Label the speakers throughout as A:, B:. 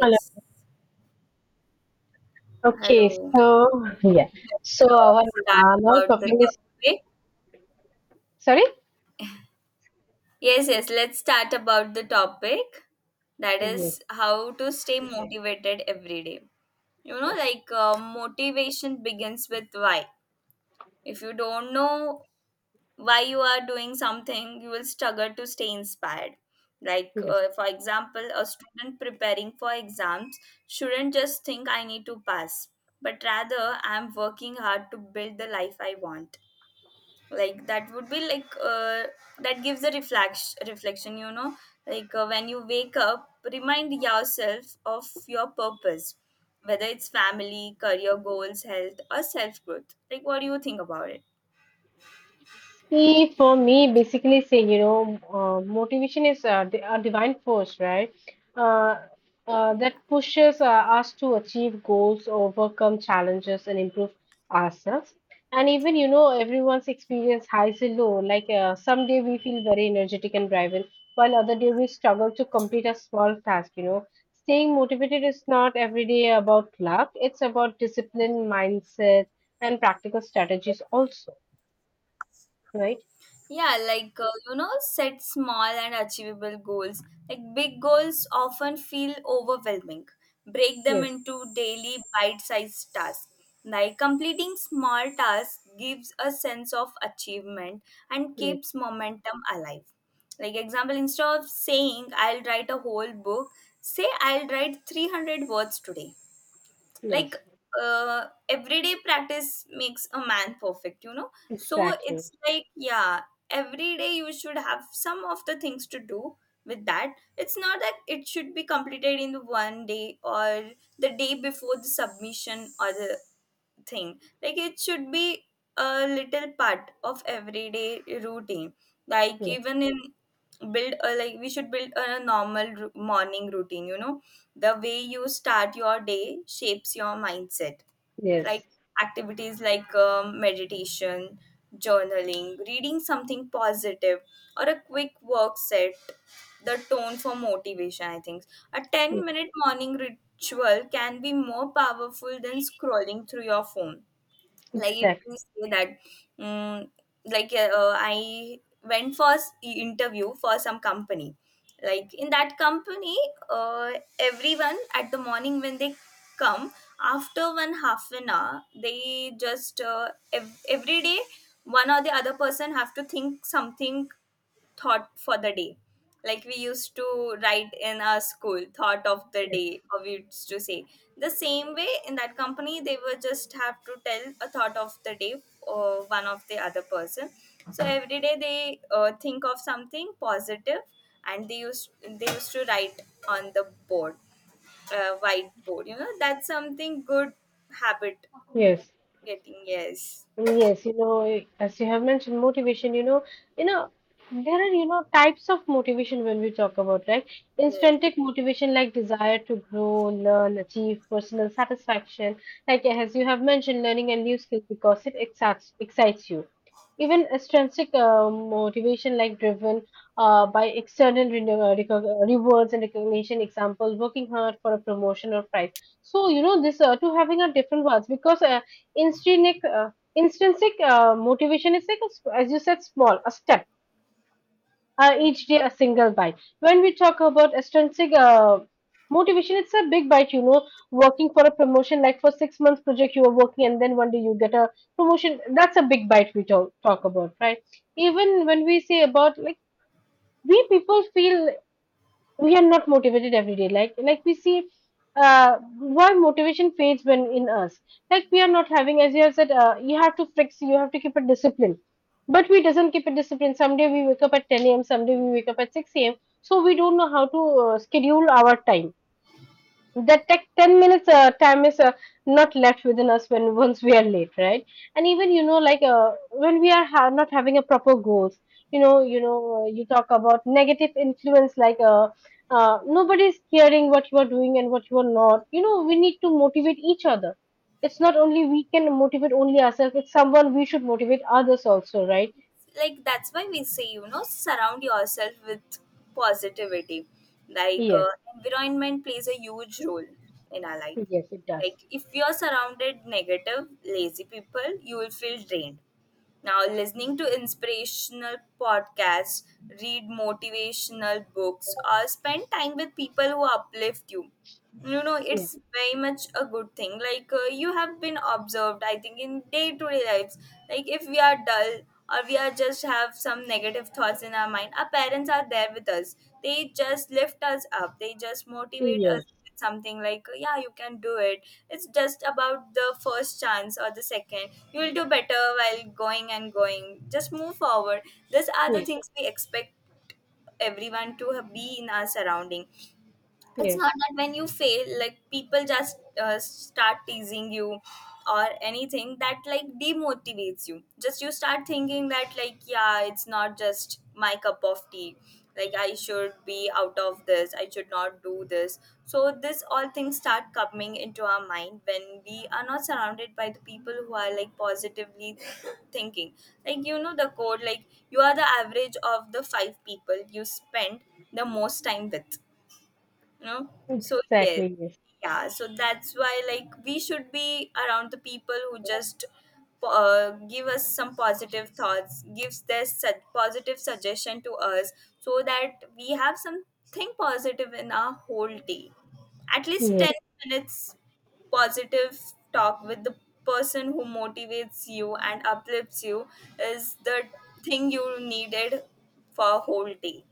A: Hello. Okay,
B: Hello.
A: so yeah.
B: Okay, let's
A: So our
B: start
A: now
B: about the
A: topic is
B: topic.
A: sorry?
B: Yes, yes. Let's start about the topic. That
A: Yes,
B: is how to stay motivated every day. You know,
A: yes.
B: motivation begins with why. If you don't know while you are doing something, you will struggle to stay inspired. For example, a student preparing for exams shouldn't just think, I need to pass, but rather, I'm working hard to build the life I want. Like that would be like That gives a reflex reflection, you know. When you wake up, remind yourself of your purpose, whether it's family, career goals, health, or self growth. Like, what do you think about it?
A: See, for me, basically, say, you know, motivation is a, a divine force, right? Uh, that
B: Yeah.
A: pushes us to achieve goals, overcome challenges, and improve ourselves. And even, you know, everyone's experience highs and low. Like some day we feel very energetic and driven, while other day we struggle to complete a small task, you know. Staying motivated is not every day about luck. It's about discipline, mindset, and practical strategies also, right?
B: Yeah, you know, set small and achievable goals. Like, big goals often feel overwhelming. Break them
A: Yes.
B: into daily bite-sized tasks. Like, completing small tasks gives a sense of achievement and
A: Yes.
B: keeps momentum alive. Like, example, instead of saying, I'll write a whole book, say, I'll write 300 words today. like
A: Yes.
B: Everyday practice makes a man perfect, you know. So
A: Exactly.
B: it's like, yeah, every day you should have some of the things to do. With that, it's not that it should be completed in the one day, or the day before the submission, or the thing. Like, it should be a little part of everyday routine. Like,
A: Yes.
B: even in build a, like, we should build a normal morning routine, you know. The way you start your day shapes your mindset. Like,
A: Yes.
B: activities like meditation, journaling, reading something positive, or a quick work set the tone for motivation, I think. A 10
A: Yes.
B: minute morning ritual can be more powerful than scrolling through your phone. Like, if
A: Exactly.
B: you say that, mm I went for interview for some company. Like, in that company, uh, everyone at the morning when they come, after one half an hour, they just every day, one or the other person have to think something, thought for the day. Like we used to write in our school, thought of the day, or we used to say. The same way in that company, they would just have to tell a thought of the day, or one of the other person. So every day they think of something positive, and they used to write on the board, whiteboard. You know, that's something good habit
A: Yes.
B: getting. Yes,
A: Yes, you know, eh, as you have mentioned, motivation, you know, there are, you know, types of motivation when we talk about, right?
B: yes.
A: Instantic motivation like desire to grow, learn, achieve personal satisfaction, like as you have mentioned, learning a new skill because it excites you. Even extrinsic motivation like driven by external rewards and recognition, example, working hard for a promotion or prize. So, you know, this two having a different words because instinctive. Intrinsic motivation is like, a, as you said, small, a step, each day a single bite. When we talk about extrinsic motivation, it's a big bite, you know, working for a promotion, like for 6 months project you are working, and then one day you get a promotion. That's a big bite we talk about, right? Even when we say about like, we people feel we are not motivated every day like we see uh why motivation fades when in us, like we are not having as you have said, you have to fix, you have to keep a discipline, but we doesn't keep a discipline. Someday we wake up at 10 a.m., someday we wake up at 6 a.m., so we don't know how to schedule our time, that like 10 minutes time is not left within us when once we are late, right? And even, you know, like when we are not having a proper goals. You know, you talk about negative influence, like nobody is caring what you are doing and what you are not. You know, we need to motivate each other. It's not only we can motivate only ourselves, it's someone we should motivate others also, right?
B: Like, that's why we say, you know, surround yourself with positivity. like
A: Yes.
B: uh, Environment plays a huge role in our life.
A: Yes, it does.
B: Like, if you're surrounded negative lazy people, you will feel drained. Now, listening to inspirational podcasts, read motivational books, or spend time with people who uplift you. You know,
A: Yes.
B: it's very much a good thing. Like, you have been observed, I think, in day to day lives. Like, if we are dull, or we are just have some negative thoughts in our mind, our parents are there with us. They just lift us up, they just motivate us,
A: Yes,
B: something like, yeah, you can do it. It's just about the first chance or the second, you'll do better. While going and going, just move forward. These are the
A: yes,
B: things we expect everyone to be in our surrounding. It's not
A: yes.
B: that when you fail, like, people just start teasing you, or anything that like demotivates you. Just you start thinking that, like, yeah, it's not just my cup of tea. Like, I should be out of this, I should not do this. So this all things start coming into our mind when we are not surrounded by the people who are like positively thinking. Like, you know the code, like, you are the average of the five people you spend the most time with, you know. So yes,
A: Exactly. Yes.
B: yeah, so that's why, like, we should be around the people who just give us some positive thoughts, gives their positive suggestion to us, so that we have something positive in our whole day. At least
A: Yes.
B: 10 minutes positive talk with the person who motivates you and uplifts you is the thing you needed for a whole day.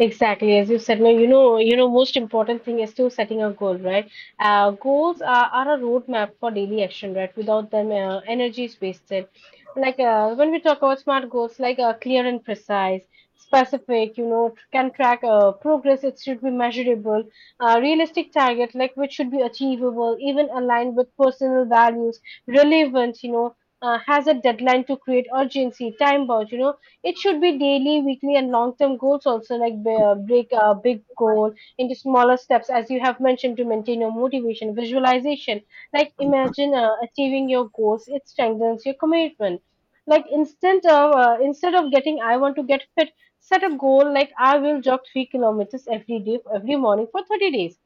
A: Exactly, as you said, no, you know, most important thing is to setting a goal, right? Goals are a roadmap for daily action, right? Without them, energy is wasted. Like when we talk about smart goals, like clear and precise, specific, you know, can track progress. It should be measurable, realistic target, like which should be achievable, even aligned with personal values, relevant, you know, has a deadline to create urgency, time bound, you know, it should be daily, weekly, and long-term goals also, like break a big goal into smaller steps, as you have mentioned, to maintain your motivation, visualization. Like imagine achieving your goals; it strengthens your commitment. Like instead of getting, I want to get fit, set a goal like I will jog 3 kilometers every day, every morning for 30 days.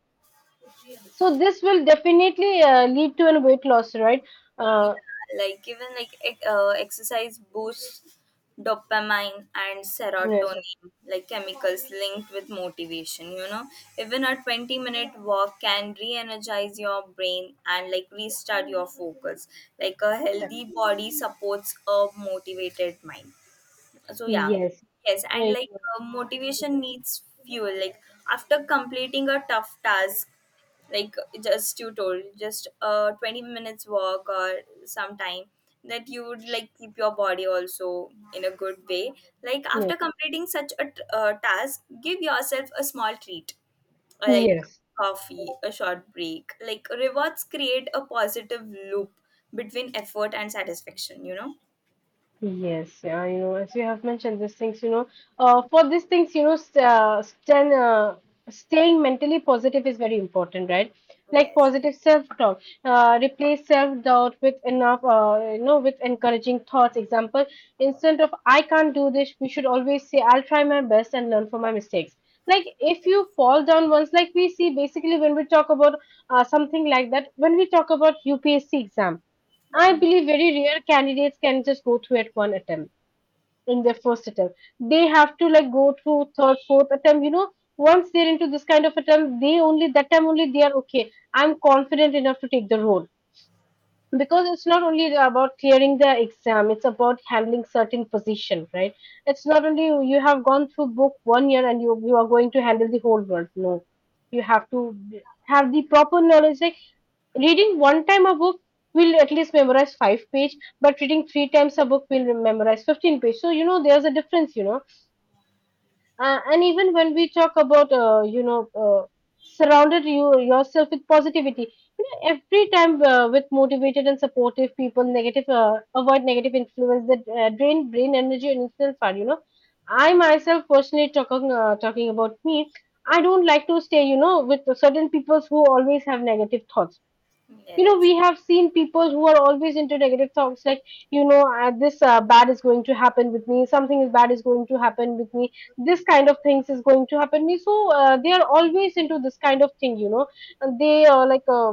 A: So this will definitely lead to a weight loss, right?
B: Yeah,
A: Uh,
B: like, even like exercise boosts dopamine and
A: yes,
B: serotonin, like chemicals linked with motivation. You know, even a 20-minute walk can re energize your brain and, like, restart your focus. Like a healthy body supports a motivated mind. So yeah,
A: yes,
B: yes, and
A: I-
B: like, motivation needs fuel. Like, after completing a tough task, like, just you told, just 20 minutes walk or some time, that you would, like, keep your body also in a good way. Like,
A: yes,
B: after completing such a task, give yourself a small treat, like
A: yes.
B: coffee, a short break. Like, rewards create a positive loop between effort and satisfaction, you know.
A: Yes, yeah, you know, as you have mentioned, these things, you know, for these things, you know, staying mentally positive is very important, right? Like
B: Yes,
A: positive self-talk, replace self-doubt with enough, you know, with encouraging thoughts. Example, instead of I can't do this, we should always say I'll try my best and learn from my mistakes. Like if you fall down once, like we see basically when we talk about something like that, when we talk about UPSC exam. I believe very rare candidates can just go through at one attempt in their first attempt. They have to like go through third, fourth attempt. You know, once they're into this kind of attempt, they only that time only they are okay. I'm confident enough to take the role because it's not only about clearing the exam; it's about handling certain position, right? It's not only you have gone through book one year, and you are going to handle the whole world. No, you have to have the proper knowledge. Like reading one time a book will at least memorize five page, but reading three times a book will memorize 15 page. So, you know, there's a difference, you know. And even when we talk about, you know, surrounded you yourself with positivity. You know, every time, with motivated and supportive people, negative, avoid negative influence that drain brain energy and influence far, you know. I myself personally talking about me, I don't like to stay, you know, with certain people who always have negative thoughts. You know,
B: yes.
A: we have seen people who are always into negative thoughts, like, you know, this, bad is going to happen with me, something is bad is going to happen with me, this kind of things is going to happen me, so they are always into this kind of thing, you know. And they are like,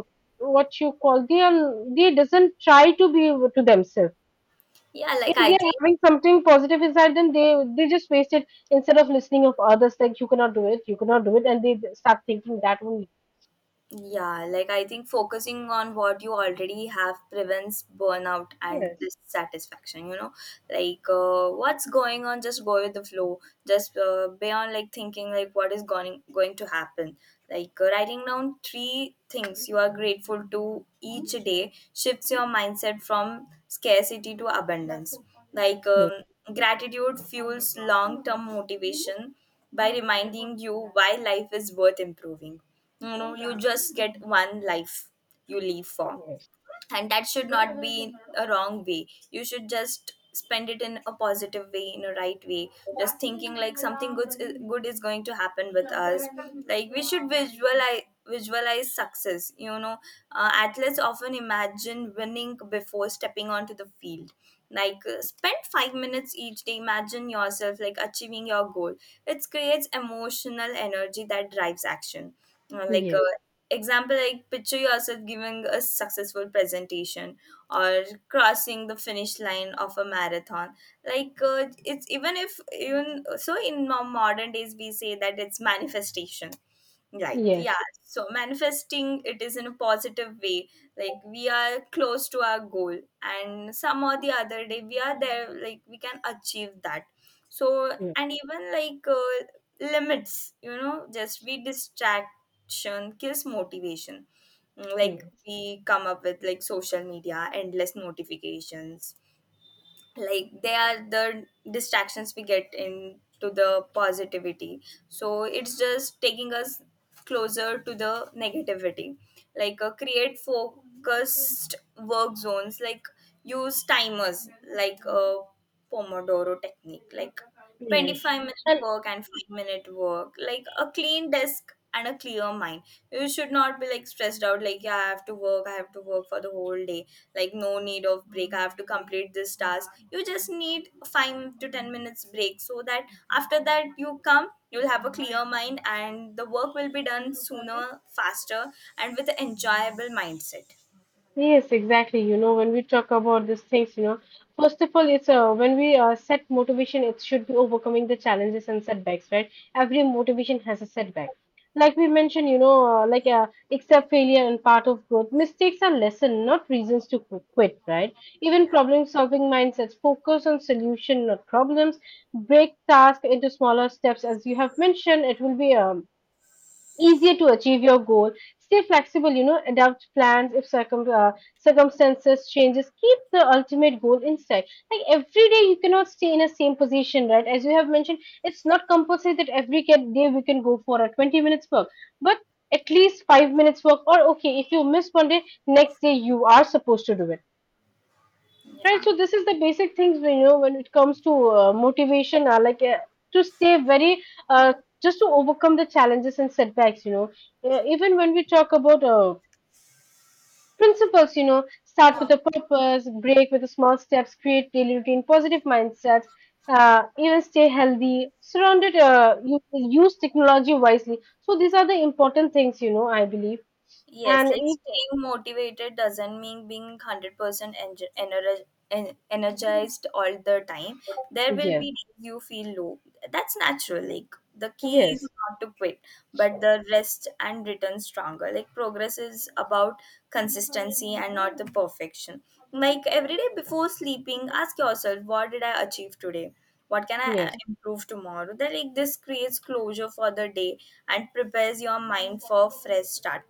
A: what you call, they doesn't try to be to themselves.
B: Yeah,
A: If
B: like I
A: they are
B: think,
A: having something positive inside, then they just waste it, instead of listening of others, like you cannot do it, you cannot do it, and they start thinking that only.
B: yeah, like I think focusing on what you already have prevents burnout and
A: Yes.
B: dissatisfaction, you know? What's going on, just go with the flow. Just Beyond, like, thinking like what is going to happen. Writing down three things you are grateful to each day shifts your mindset from scarcity to abundance. like um,
A: Yes.
B: Gratitude fuels long term motivation by reminding you why life is worth improving. You know, you just get one life you live for, and that should not be a wrong way. You should just spend it in a positive way, in a right way, just thinking like something good is going to happen with us. Like, we should visualize success, you know. Athletes often imagine winning before stepping onto the field. Spend 5 minutes each day imagine yourself like achieving your goal. It creates emotional energy that drives action. Uh, like uh, Example, like, picture yourself giving a successful presentation, or crossing the finish line of a marathon. It's even if even so, in modern days we say that it's manifestation. Right.
A: Yes.
B: Yeah, so manifesting it is in a positive way, like we are close to our goal, and some or the other day we are there, like we can achieve that. So,
A: Yes.
B: and even, limits, you know, just we, distraction kills motivation. Mm, like
A: Yes.
B: we come up with, like, social media, endless notifications. Like, they are the distractions we get into the positivity. So it's just taking us closer to the negativity. Create focused work zones, like, use timers, like a pomodoro technique, like
A: Yes.
B: 25-minute
A: And
B: work and 5-minute work, like a clean desk and a clear mind. You should not be like stressed out, like, yeah, I have to work, I have to work for the whole day. Like, no need of break, I have to complete this task. You just need 5 to 10 minutes break, so that after that you come, you'll have a clear mind and the work will be done sooner, faster, and with an enjoyable mindset.
A: yes, exactly. You know, when we talk about these things, you know, first of all, it's when we set motivation, it should be overcoming the challenges and setbacks, right? Every motivation has a setback. Like we mentioned, you know, like except failure and part of growth, mistakes are lesson, not reasons to quit, right? Even problem solving mindsets, focus on solution, not problems. Break task into smaller steps, as you have mentioned. It will be easier to achieve your goal. Stay flexible, you know, adapt plans if circumstances changes, keep the ultimate goal in sight. Like every day you cannot stay in a same position, right, as you have mentioned. It's not compulsory that every day we can go for a 20 minutes work, but at least 5 minutes work, or okay, if you miss one day, next day you are supposed to do it.
B: Yeah,
A: Right,
B: yeah.
A: so this is the basic things we know when it comes to motivation, like to stay very, uh, just to overcome the challenges and setbacks, you know. Even when we talk about principles, you know, start with a purpose, break with the small steps, create daily routine, positive mindsets, even stay healthy, surrounded, you, use technology wisely. So these are the important things, you know, I believe.
B: Yes,
A: And
B: like,
A: if,
B: staying motivated doesn't mean being 100% enge- ener- ener- energized all the time. There will
A: yes,
B: be days you feel low. That's natural. Like, the key is
A: yes,
B: not to quit, but the rest and return stronger. Like, progress is about consistency and not the perfection. Like, every day before sleeping, ask yourself, what did I achieve today? What can I
A: yes,
B: improve tomorrow? Then, like, this creates closure for the day and prepares your mind for a fresh start.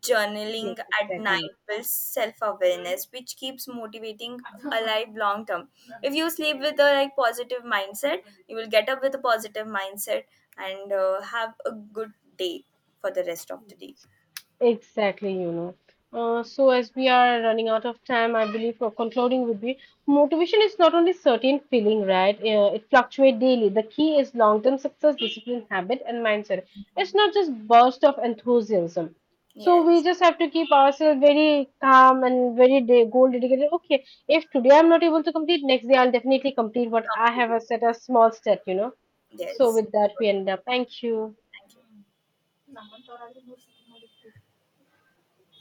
B: Journaling
A: yes,
B: at
A: exactly.
B: night builds self-awareness, which keeps motivating alive long term. If you sleep with a like positive mindset, you will get up with a positive mindset, and have a good day for the rest of the day.
A: Exactly, you know. So, as we are running out of time, I believe for concluding would be motivation is not only certain feeling, right? It fluctuates daily. The key is long term success, discipline, habit, and mindset. It's not just burst of enthusiasm. So we
B: Yes,
A: just have to keep ourselves very calm and very goal dedicated. Okay, if today I'm not able to complete, next day I'll definitely complete what I have
B: completely,
A: set a small step. You know. So
B: yes,
A: with that, we end up. Thank you.
B: thank you.